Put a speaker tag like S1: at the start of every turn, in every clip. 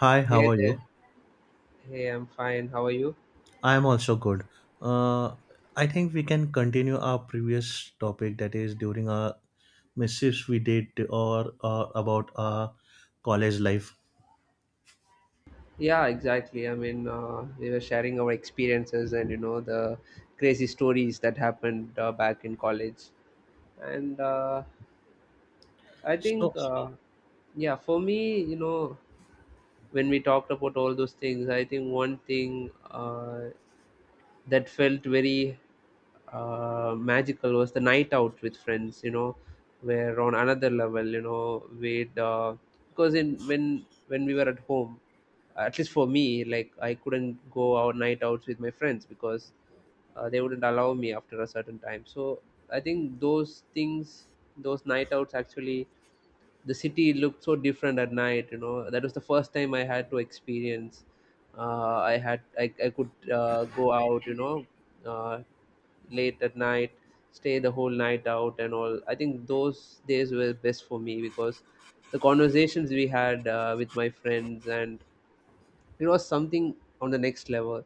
S1: Hi, how
S2: Hey
S1: are you?
S2: there. Hey, I'm fine. How are you?
S1: I am also good. Uh, I think we can continue our previous topic, that is during our mischiefs we did, or about our college life.
S2: Yeah, exactly. I mean, we were sharing our experiences and you know the crazy stories that happened back in college. And uh, I think,
S1: So
S2: uh, yeah, for me, you know, when we talked about all those things, I think one thing that felt very magical was the night out with friends. You know, were on another level. You know, we'd because in when we were at home, at least for me, like, I couldn't go out night outs with my friends because they wouldn't allow me after a certain time. So I think those things, those night outs, actually the city looked so different at night. You know, that was the first time I had to experience I could go out, you know, uh, late at night, stay the whole night out and all. I think those days were best for me because the conversations we had with my friends, and it was something on the next level.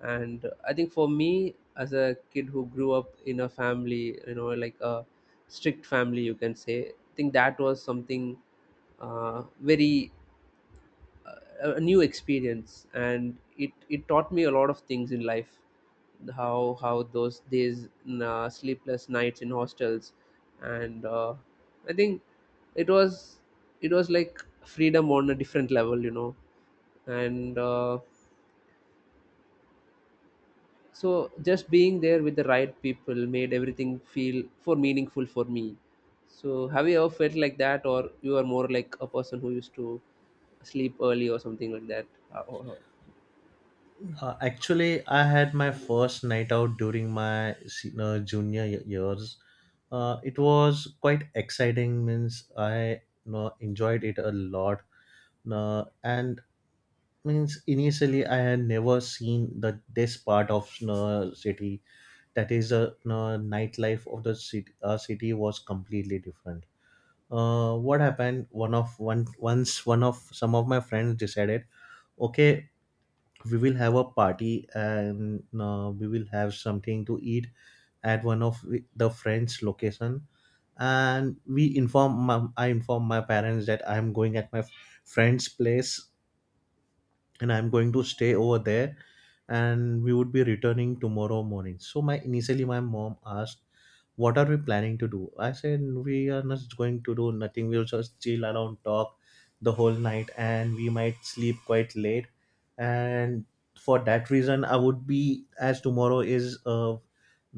S2: And I think for me, as a kid who grew up in a family, you know, like a strict family, you can say, I think that was something very uh, a new experience, and it taught me a lot of things in life. How those days, sleepless nights in hostels, and I think it was it was like freedom on a different level, you know. And So just being there with the right people made everything feel for meaningful for me. So have you ever felt like that, or you are more like a person who used to sleep early or something like that? Or?
S1: uh, actually, I had my first night out during my junior years. It was quite exciting. Means I, enjoyed it a lot. And means initially I had never seen the this part of city, that is the no, nightlife of the city. City was completely different. What happened, one of one once one of some of my friends decided, okay, we will have a party and we will have something to eat at one of the friends location, and we inform I inform my parents that I'm going at my friend's place, and I'm going to stay over there and we would be returning tomorrow morning. So my initially my mom asked, what are we planning to do? I said, we are not going to do nothing, we'll just chill around, talk the whole night, and we might sleep quite late. And for that reason, I would be, as tomorrow is, uh,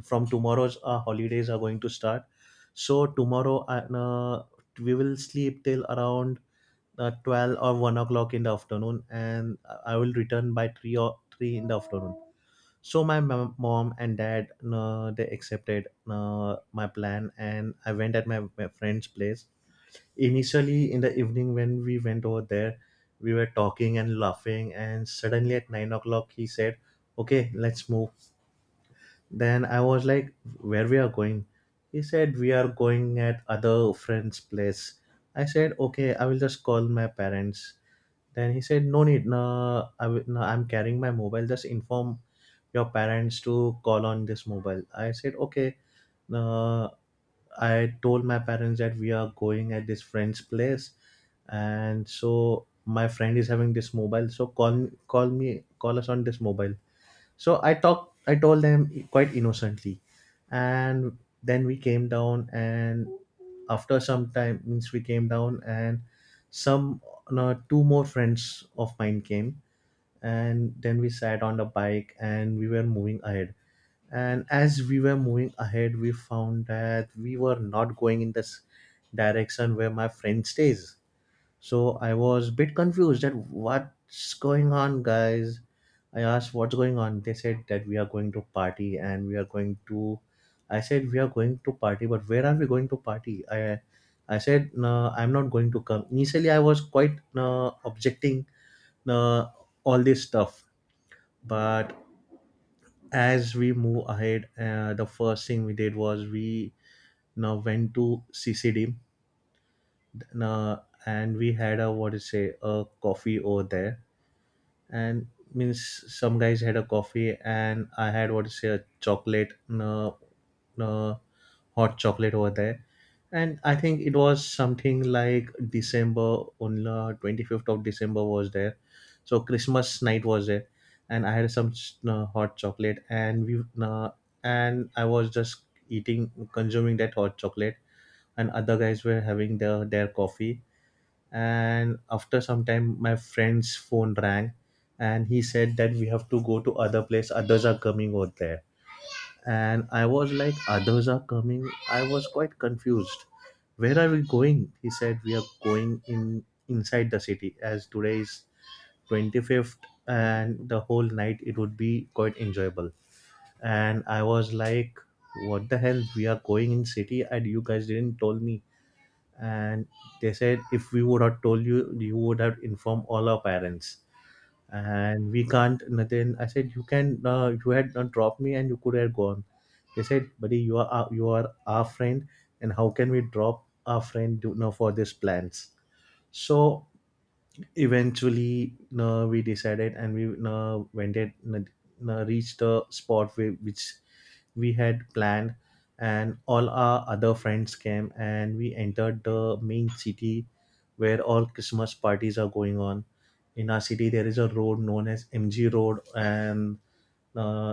S1: from tomorrow's holidays are going to start, so tomorrow we will sleep till around 12 or 1 o'clock in the afternoon, and I will return by 3 or 3 in the afternoon. So my mom and dad, they accepted my plan, and I went at my friend's place. Initially, in the evening, when we went over there, we were talking and laughing, and suddenly at 9 o'clock he said, okay, let's move. Then I was like, where we are going? He said, we are going at other friend's place. I said, okay, I will just call my parents. Then he said, "No need. No, I, will- no, I'm carrying my mobile. Just inform your parents to call on this mobile." I said, "Okay." Uh, I told my parents that we are going at this friend's place, and so my friend is having this mobile, so call us on this mobile. So I told them quite innocently, and then we came down, and after some time, means we came down, and some no, two more friends of mine came, and then we sat on the bike, and we were moving ahead. And as we were moving ahead, we found that we were not going in this direction where my friend stays. So I was a bit confused, that what's going on, guys. I asked, what's going on? They said that we are going to party, and we are going to. I said, we are going to party, but where are we going to party? I said, no, I'm not going to come. Initially, I was quite objecting uh, all this stuff, but as we move ahead, the first thing we did was we now went to CCD, uh, and we had a, what to say, a coffee over there. And means some guys had a coffee, and I had, what to say, a chocolate, uh, uh, hot chocolate over there. And I think it was something like December, on 25th of December was there, so Christmas night was there. And I had some hot chocolate, and we, and I was just eating, consuming that hot chocolate, and other guys were having their coffee. And after some time, my friend's phone rang, and he said that we have to go to other place, others are coming over there. And I was like, others are coming? I was quite confused. Where are we going? He said, we are going in, inside the city, as today is 25th, and the whole night it would be quite enjoyable. And I was like, what the hell, we are going in city, and you guys didn't told me? And they said, if we would have told you, you would have informed all our parents, and we can't nothing. I said, you can, you had not dropped me, and you could have gone. They said, buddy, you are you are our friend, and how can we drop our friend, for these plans. So eventually, no, we decided, and we no, went it no, no, reached the spot where, which we had planned, and all our other friends came, and we entered the main city where all Christmas parties are going on. In our city there is a road known as MG Road, and uh,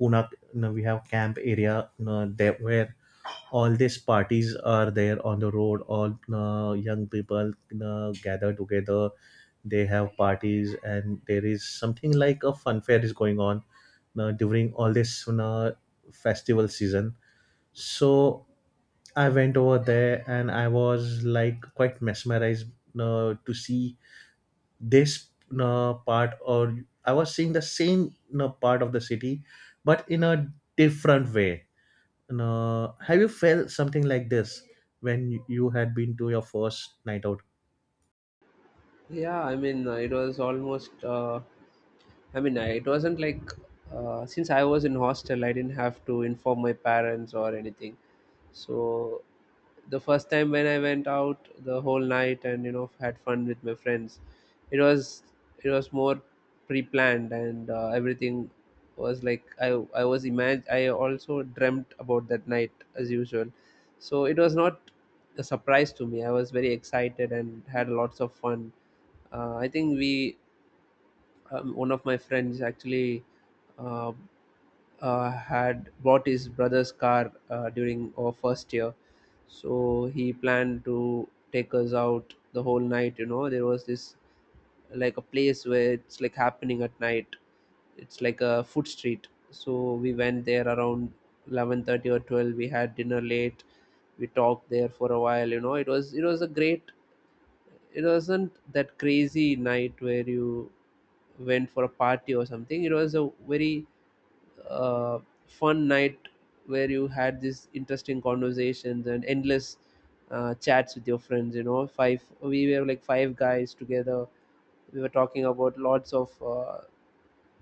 S1: Pune, you know, we have camp area, you know, there where all these parties are there on the road. All young people you gather together. They have parties, and there is something like a fun fair is going on during all this you festival season. So I went over there, and I was like quite mesmerized to see this part, or I was seeing the same part of the city, but in a different way. And have you felt something like this when you had been to your first night out?
S2: Yeah, I mean, it was almost. It wasn't like since I was in hostel, I didn't have to inform my parents or anything. So the first time when I went out the whole night and you know had fun with my friends, it was it was more pre-planned, and everything was like I was imagine I also dreamt about that night as usual. So it was not a surprise to me. I was very excited and had lots of fun. Uh, I think we um, one of my friends actually uh, had bought his brother's car during our first year, so he planned to take us out the whole night. You know, there was this like a place where it's like happening at night. It's like a food street. So we went there around 11:30 or twelve. We had dinner late. We talked there for a while. You know, it was a great, it wasn't that crazy night where you went for a party or something. It was a very uh, fun night where you had these interesting conversations and endless chats with your friends. You know, five we were like five guys together. We were talking about lots of uh,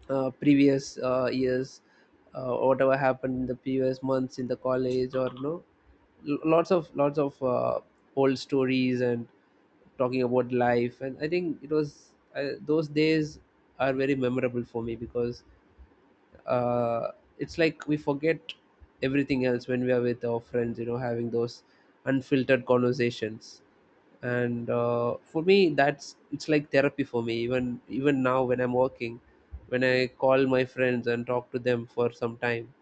S2: uh, previous years, whatever happened in the previous months in the college, or you know, lots of old stories and talking about life. And I think it was those days are very memorable for me because uh, it's like we forget everything else when we are with our friends. You know, having those unfiltered conversations, and for me that's, it's like therapy for me. Even now when I'm working, when I call my friends and talk to them for some time,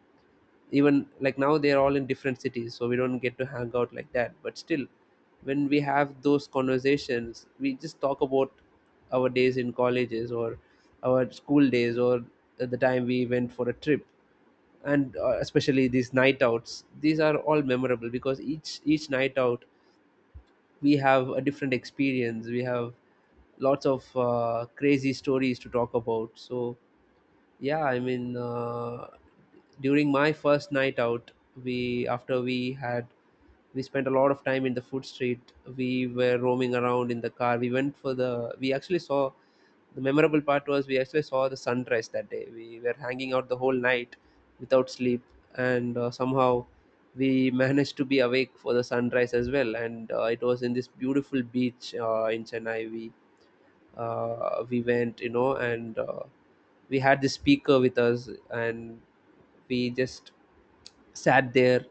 S2: even like now they're all in different cities, so we don't get to hang out like that, but still when we have those conversations, we just talk about our days in colleges, or our school days, or the time we went for a trip. And especially these night outs, these are all memorable because each night out we have a different experience. We have lots of crazy stories to talk about. So yeah, I mean, during my first night out, we after we had we spent a lot of time in the food street. We were roaming around in the car. We went for the we actually saw, the memorable part was we actually saw the sunrise that day. We were hanging out the whole night without sleep, and somehow we managed to be awake for the sunrise as well. And it was in this beautiful beach in Chennai. We went, you know, and we had the speaker with us, and we just sat there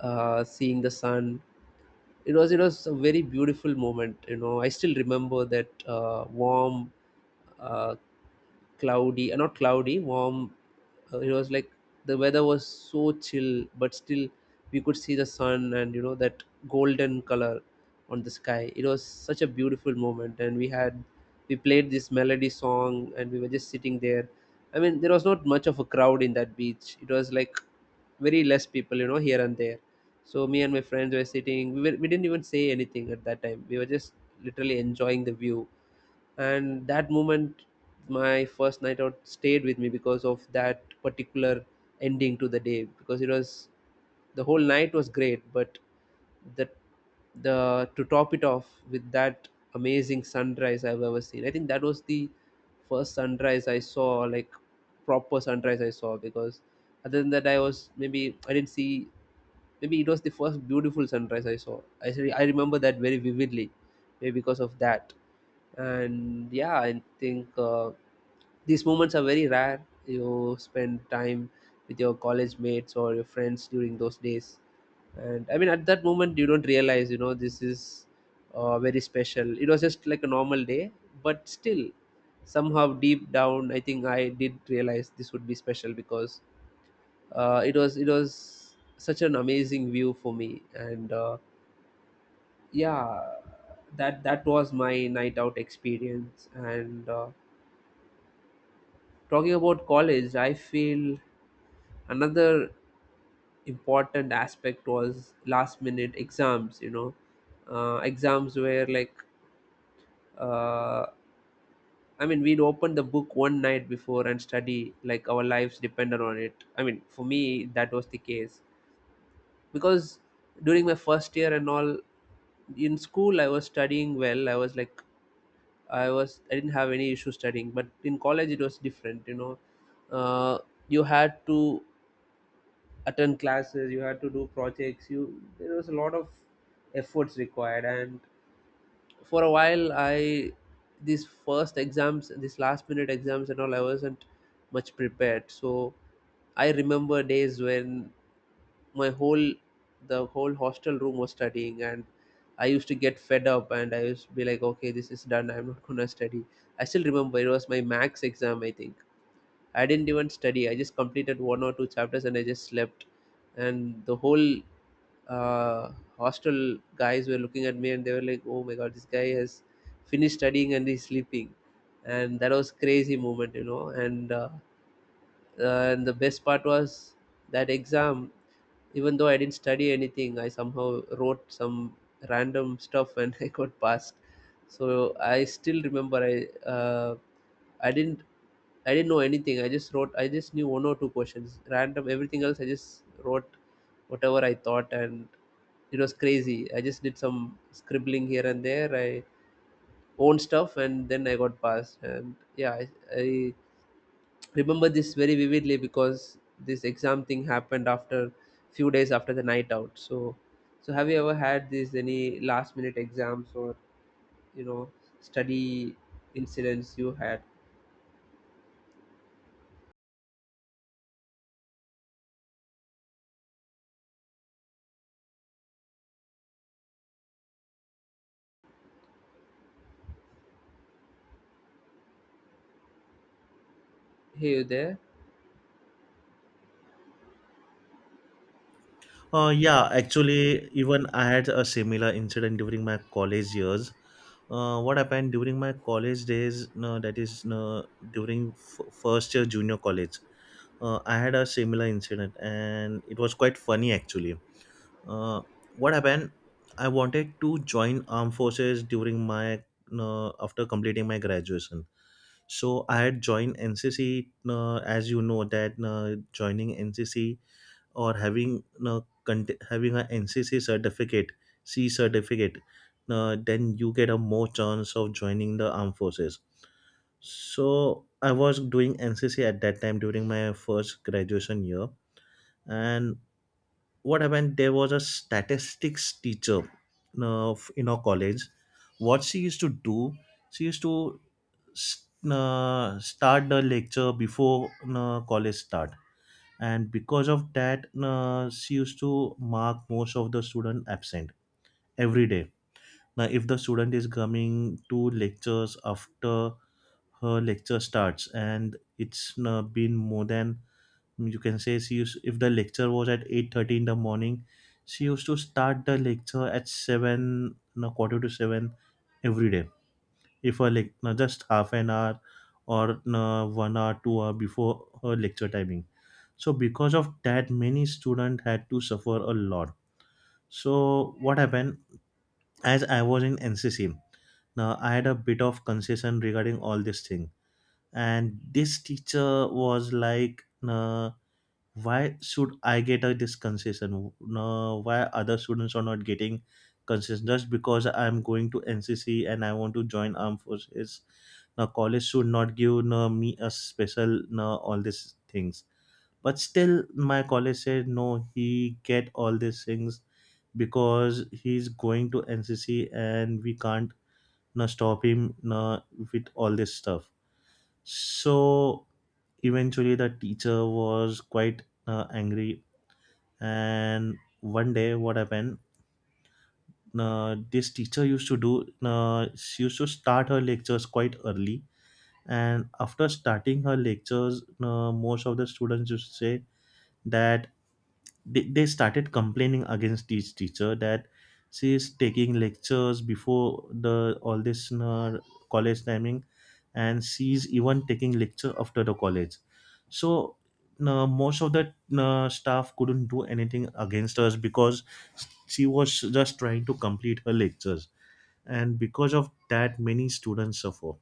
S2: seeing the sun. It was a very beautiful moment. You know, I still remember that warm, uh, not cloudy, warm. It was like the weather was so chill, but still we could see the sun, and you know that golden color on the sky. It was such a beautiful moment, and we played this melody song, and we were just sitting there. I mean, there was not much of a crowd in that beach. It was like very less people, you know, here and there. So me and my friends were sitting. We didn't even say anything at that time. We were just literally enjoying the view and that moment. My first night out stayed with me because of that particular ending to the day, because it was, the whole night was great, but the the to top it off with that amazing sunrise I've ever seen. I think that was the first sunrise I saw, like proper sunrise I saw, because other than that I was, maybe I didn't see, maybe it was the first beautiful sunrise I saw. I remember that very vividly, maybe because of that. And yeah, I think these moments are very rare. You spend time with your college mates or your friends during those days, and I mean at that moment you don't realize, you know, this is very special. It was just like a normal day, but still somehow deep down I think I did realize this would be special, because it was such an amazing view for me. And yeah, that was my night out experience. And Talking about college, I feel another important aspect was last minute exams, you know. Uh, exams were like uh, I mean we'd open the book one night before and study like our lives depended on it. I mean for me that was the case, because during my first year and all in school I was studying well. I was like I was I didn't have any issue studying, but in college it was different. You know, uh, you had to attend classes, you had to do projects. You There was a lot of efforts required, and for a while I, these first exams, these last minute exams and all, I wasn't much prepared. So I remember days when my whole the whole hostel room was studying, and I used to get fed up, and I used to be like, okay, this is done, I'm not gonna study. I still remember it was my max exam, I think I didn't even study. I just completed one or two chapters and I just slept. And the whole uh, hostel guys were looking at me, and they were like, oh my god, this guy has finished studying and he's sleeping. And that was crazy moment, you know. And uh, uh, and the best part was that exam, even though I didn't study anything, I somehow wrote some random stuff and I got passed. So I still remember uh, I didn't I didn't know anything. I just knew one or two questions. Random, everything else I just wrote whatever I thought, and it was crazy. I just did some scribbling here and there. I own stuff, and then I got passed. And yeah, I remember this very vividly because this exam thing happened after, few days after the night out. So so have you ever had these any last minute exams, or you know, study incidents you had? Hey, you there?
S1: Yeah, actually, even I had a similar incident during my college years. What happened, during my college days, that is, no, during first year junior college, I had a similar incident, and it was quite funny actually. Uh, what happened I wanted to join armed forces during my, after completing my graduation. So I had joined NCC. As you know that joining NCC or having, having a NCC certificate, c certificate, then you get a more chance of joining the armed forces. So I was doing NCC at that time during my first graduation year. And what happened, there was a statistics teacher in our college. What she used to do, she used to start the lecture before college start, and because of that, she used to mark most of the student absent every day. Now if the student is coming to lectures after her lecture starts, and it's been more than, you can say, she used, if the lecture was at 8:30 in the morning, she used to start the lecture at 7, no, quarter to 7, every day. If her, like, no, just half an hour, or no, one hour 2 hour before her lecture timing. So because of that, many students had to suffer a lot. So what happened, as I was in NCC, now I had a bit of concession regarding all this thing, and this teacher was like, why should I get this concession? No, why other students are not getting concession, just because I'm going to NCC and I want to join armed forces? Now college should not give, me a special, no, all these things. But still, my college said, no, he get all these things because he's going to NCC, and we can't, no, stop him, no, with all this stuff. So eventually, the teacher was quite angry. And one day what happened, this teacher used to do, she used to start her lectures quite early, and after starting her lectures, most of the students used to say that they started complaining against this teacher, that she's taking lectures before the all this college timing, and she's even taking lecture after the college. So most of the staff couldn't do anything against us, because she was just trying to complete her lectures, and because of that, many students suffer.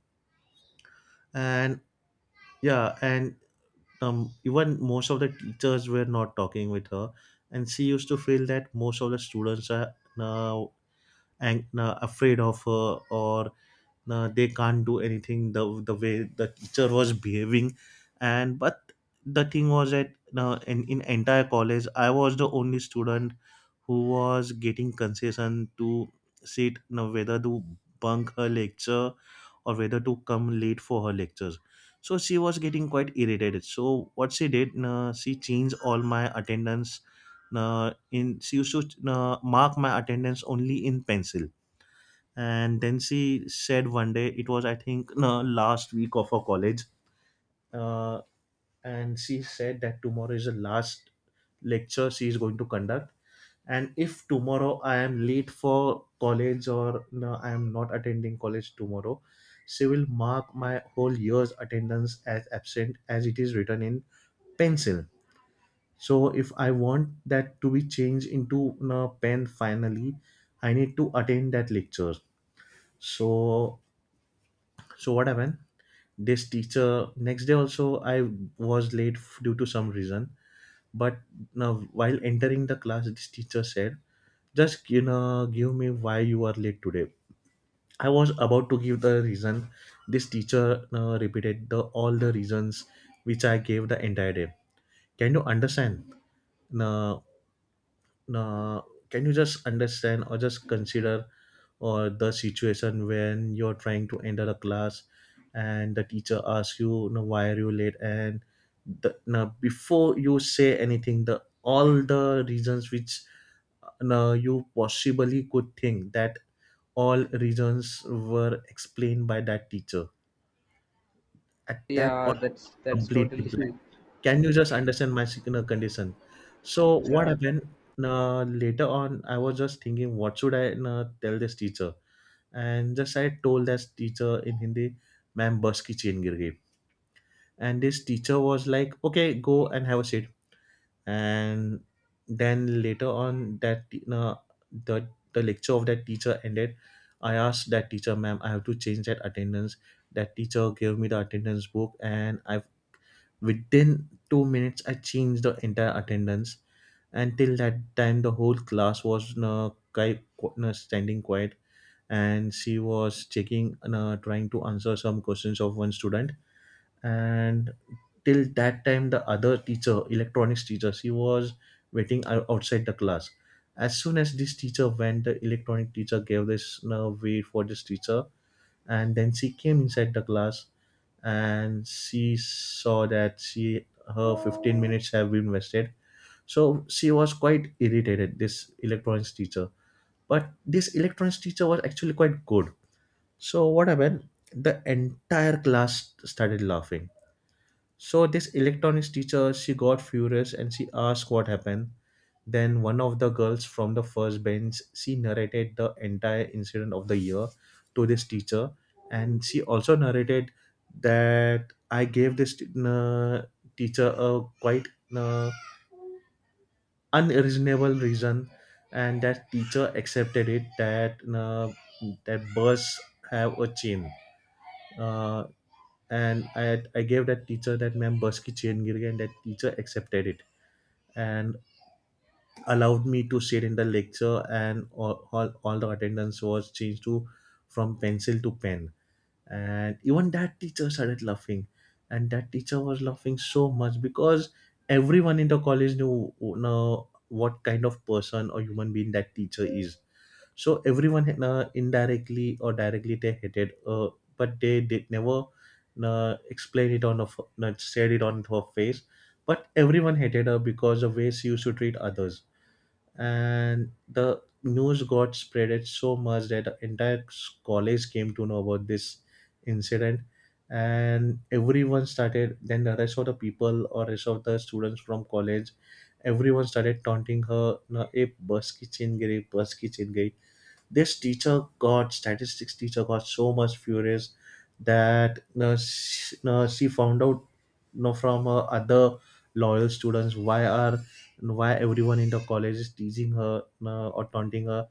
S1: And yeah, and even most of the teachers were not talking with her, and she used to feel that most of the students are now, and now afraid of her, or now they can't do anything, the way the teacher was behaving. And but the thing was that now, in entire college, I was the only student who was getting concession to sit, now whether to bunk her lecture or whether to come late for her lectures. So she was getting quite irritated. So what she did, she changed all my attendance, in she used to mark my attendance only in pencil. And then she said one day, it was, I think, no, last week of her college, uh, and she said that tomorrow is the last lecture she is going to conduct, and if tomorrow I am late for college, or I am not attending college tomorrow, she will mark my whole year's attendance as absent, as it is written in pencil. So if I want that to be changed into a pen finally, I need to attend that lecture. So so what happened, this teacher, next day also, I was late due to some reason. But now, while entering the class, this teacher said, "Just, you know, give me why you are late today." I was about to give the reason. This teacher repeated the all the reasons which I gave the entire day. Can you understand? No, uh, can you just understand or just consider or the situation when you're trying to enter a class and the teacher asks you, why are you late, and now before you say anything, the all the reasons which, now you possibly could think that, all reasons were explained by that teacher at that
S2: Yeah,
S1: point
S2: that's
S1: completely.
S2: totally,
S1: Can you just understand my signal condition? So what
S2: yeah.
S1: happened, later on I was just thinking what should I tell this teacher, and just I told this teacher in Hindi, ma'am bus ki chain gir gayi. And this teacher was like, okay, go and have a seat. And then later on, that the the lecture of that teacher ended. I asked that teacher, ma'am, I have to change that attendance. That teacher gave me the attendance book, and I within 2 minutes, I changed the entire attendance. Until that time, the whole class was standing quiet, and she was checking, trying to answer some questions of one student. And till that time, the other teacher, electronics teacher, she was waiting outside the class. As soon as this teacher went, the electronic teacher gave this way for this teacher, and then she came inside the class, and she saw that she her 15 minutes have been wasted. So she was quite irritated, this electronics teacher. But this electronics teacher was actually quite good. So what happened, the entire class started laughing. So this electronics teacher, she got furious and she asked what happened. Then one of the girls from the first bench, she narrated the entire incident of the year to this teacher, and she also narrated that I gave this teacher a quite uh, unreasonable reason, and that teacher accepted it that that birds have a chain. Uh, and I gave that teacher that ma'am bus ki chain gir gayi, and that teacher accepted it and allowed me to sit in the lecture, and all the attendance was changed to from pencil to pen. And even that teacher started laughing, and that teacher was laughing so much because everyone in the college knew know what kind of person or human being that teacher is. So everyone indirectly or directly they hated but they did never explain it not said it on her face. But everyone hated her because of ways she used to treat others. And the news got spreaded so much that the entire college came to know about this incident. And everyone started, then the rest of the people or rest of the students from college, everyone started taunting her, ना ए बस की chain गिरी बस की chain गई." This teacher got, statistics teacher got so much furious that, she found out, you know, from her other loyal students, why everyone in the college is teasing her or taunting her,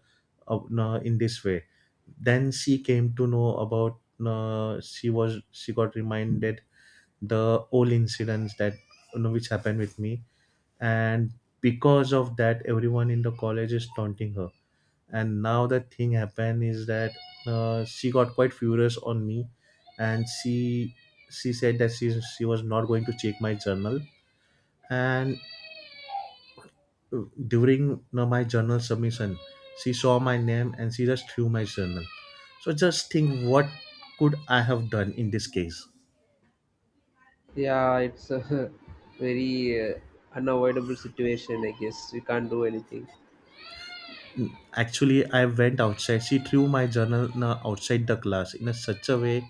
S1: in this way. Then she came to know about, she got reminded the old incidents that, you know, which happened with me, and because of that everyone in the college is taunting her. And now that thing happened is that, she got quite furious on me, and she said that she was not going to check my journal. And uh, during, you know, my journal submission, she saw my name and she just threw my journal. So just think what could I have done in this case.
S2: Yeah, it's a very unavoidable situation, I guess. We can't do anything.
S1: Actually, I went outside. She threw my journal outside the class in a such a way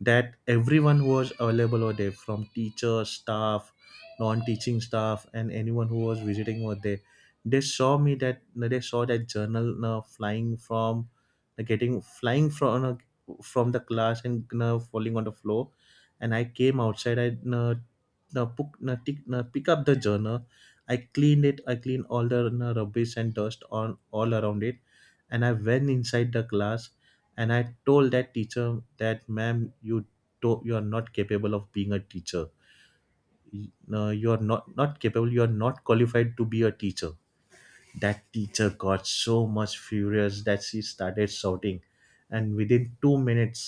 S1: that everyone who was available over there, from teachers, staff, non-teaching staff, and anyone who was visiting over there, they saw me, that they saw that journal na flying from, getting flying from na, from the class and na falling on the floor. And I came outside. I na the book na tick na pick up the journal, I cleaned it, I cleaned all the na, rubbish and dust on all around it, and I went inside the class, and I told that teacher that ma'am you you are not capable of being a teacher. No, you are not capable, you are not qualified to be a teacher. That teacher got so much furious that she started shouting, and within 2 minutes,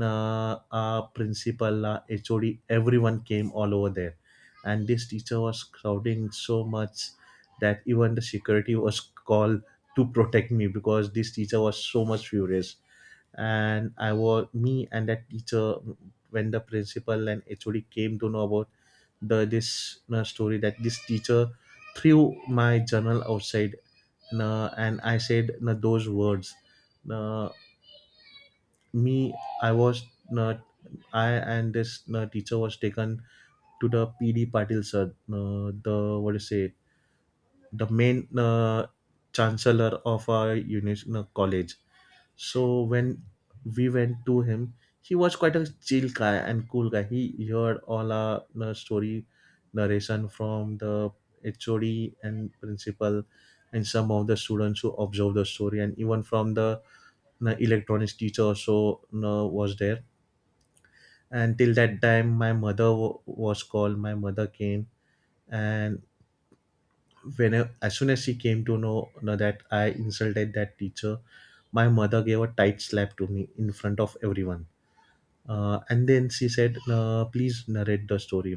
S1: our principal, our HOD, everyone came all over there, and this teacher was shouting so much that even the security was called to protect me because this teacher was so much furious. And I was me and that teacher, when the principal and HOD came to know about the this story, that this teacher threw my journal outside na, and I said na those words. Na me, I was na, I and this na teacher was taken to the PD Patil sir, na the what do you say, the main na chancellor of our uni na college. So when we went to him, he was quite a chill guy and cool guy. He heard all our story narration from the HOD and principal and some of the students who observed the story, and even from the electronics teacher also was there. And till that time, my mother was called. My mother came, and when, as soon as she came to know, that I insulted that teacher, my mother gave a tight slap to me in front of everyone. And then she said, please narrate the story.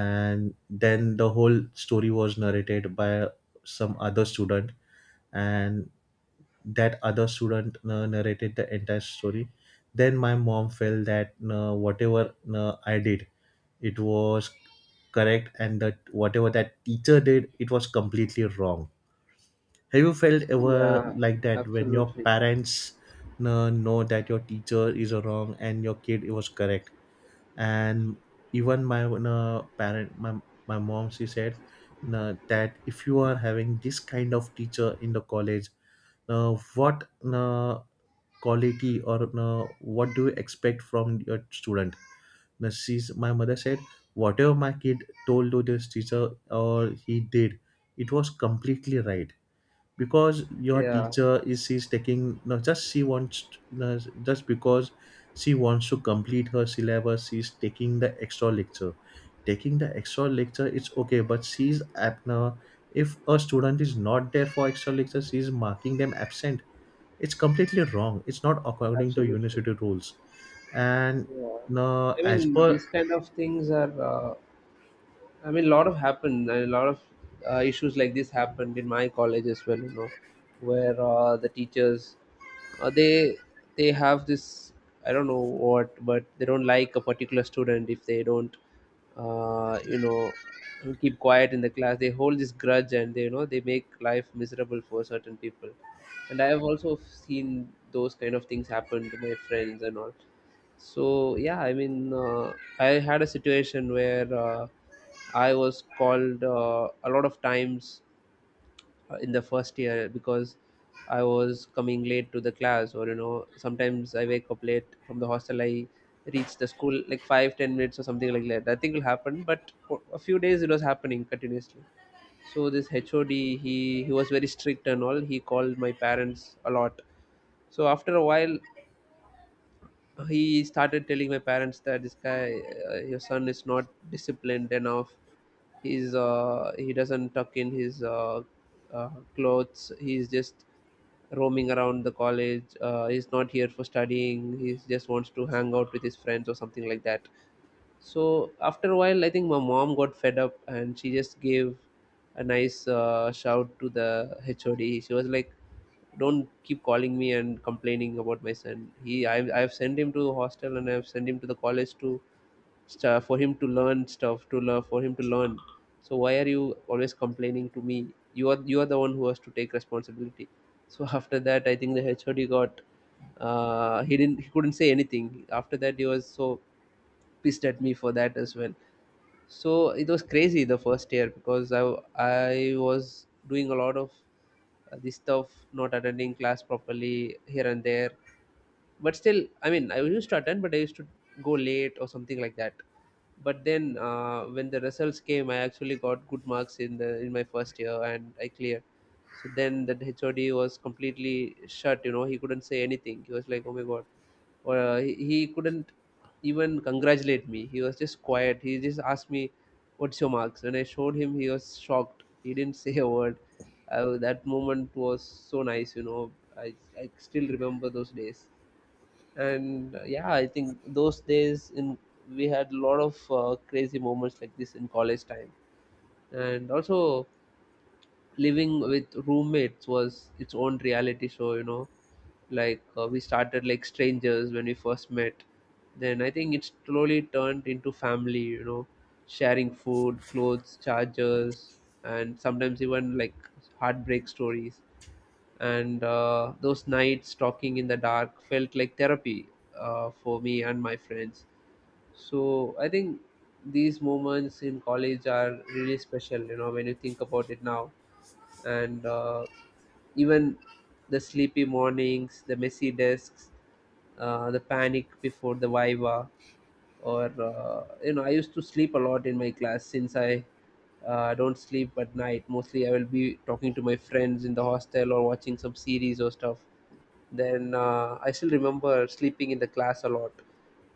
S1: And then the whole story was narrated by some other student, and that other student narrated the entire story. Then my mom felt that whatever I did, it was correct, and that whatever that teacher did, it was completely wrong. Have you felt ever
S2: Yeah,
S1: like that, when your
S2: absolutely.
S1: parents know that your teacher is wrong and your kid was correct? And even my my mom, she said, "Nah, that if you are having this kind of teacher in the college, what quality or what do you expect from your student? Nah, my mother said, whatever my kid told to this teacher or he did, it was completely right. Because your
S2: Yeah,
S1: teacher is, she's taking, not just she wants you, just because she wants to complete her syllabus, she's taking the extra lecture. Taking the extra lecture, it's okay, but now if a student is not there for extra lecture, she's marking them absent. It's completely wrong, it's not according to
S2: absolutely.
S1: university rules. And
S2: Yeah,
S1: no,
S2: I
S1: as
S2: mean,
S1: per,
S2: these kind of things are I mean, a lot of happened. A lot of issues like this happened in my college as well. You know, where the teachers uh, they they have this, I don't know what, but they don't like a particular student if they don't you know keep quiet in the class. They hold this grudge, and they, you know, they make life miserable for certain people. And I have also seen those kind of things happen to my friends and all, so yeah, I had a situation where I was called a lot of times in the first year because I was coming late to the class, or you know, sometimes I wake up late from the hostel. I reach the school like 5-10 minutes or something like that. Nothing will happen, but for a few days it was happening continuously. So this HOD, he was very strict and all. He called my parents a lot. So after a while, he started telling my parents that this guy, your son is not disciplined enough. He doesn't tuck in his clothes. He's just roaming around the college. He's not here for studying, he just wants to hang out with his friends or something like that. So after a while, I think my mom got fed up and she just gave a nice shout to the hod. She was like, don't keep calling me and complaining about my son. I've sent him to hostel and I've sent him to the college too, stuff for him to learn stuff to learn for him to learn. So why are you always complaining to me? You are the one who has to take responsibility. So after that I think the hod got he couldn't say anything after that. He was so pissed at me for that as well. So it was crazy, the first year, because I was doing a lot of this stuff, not attending class properly here and there. But still, I mean, I used to attend, but I used to go late or something like that. But then when the results came, I actually got good marks in the in my first year and I cleared. So then that hod was completely shut, you know. He couldn't say anything. He was like, oh my god. Or he couldn't even congratulate me. He was just quiet. He just asked me, what's your marks? When I showed him, he was shocked. He didn't say a word. That moment was so nice, you know. I, I still remember those days. And yeah, I think those days in we had a lot of crazy moments like this in college time. And also, living with roommates was its own reality show, you know. Like we started like strangers when we first met. Then I think it slowly turned into family, you know, sharing food, clothes, chargers, and sometimes even like heartbreak stories. And those nights talking in the dark felt like therapy for me and my friends. So I think these moments in college are really special, you know, when you think about it now. And even the sleepy mornings, the messy desks, the panic before the viva. Or you know, I used to sleep a lot in my class since I don't sleep at night. Mostly I will be talking to my friends in the hostel or watching some series or stuff. Then I still remember sleeping in the class a lot.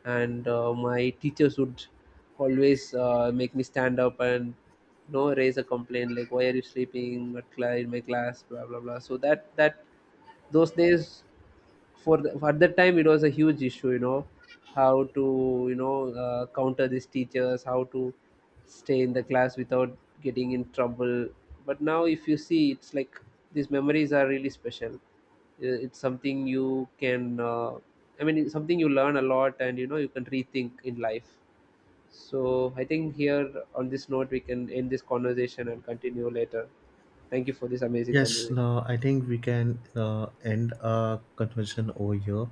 S2: And my teachers would always make me stand up and, you know, raise a complaint like, why are you sleeping at in my class, blah blah blah. So that that those days, at that time it was a huge issue, you know. How to, you know, counter these teachers, how to stay in the class without getting in trouble. But now if you see, it's like, these memories are really special. It's something you can it's something you learn a lot, and you know, you can rethink in life. So I think here on this note, we can end this conversation and continue later. Thank you for this amazing
S1: yes,
S2: conversation.
S1: no, I think we can end our conversation over here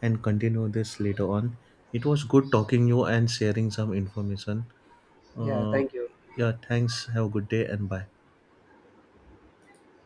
S1: and continue this later on. It was good talking you and sharing some information.
S2: Yeah,
S1: Uh,
S2: thank you.
S1: yeah, thanks. Have a good day and bye.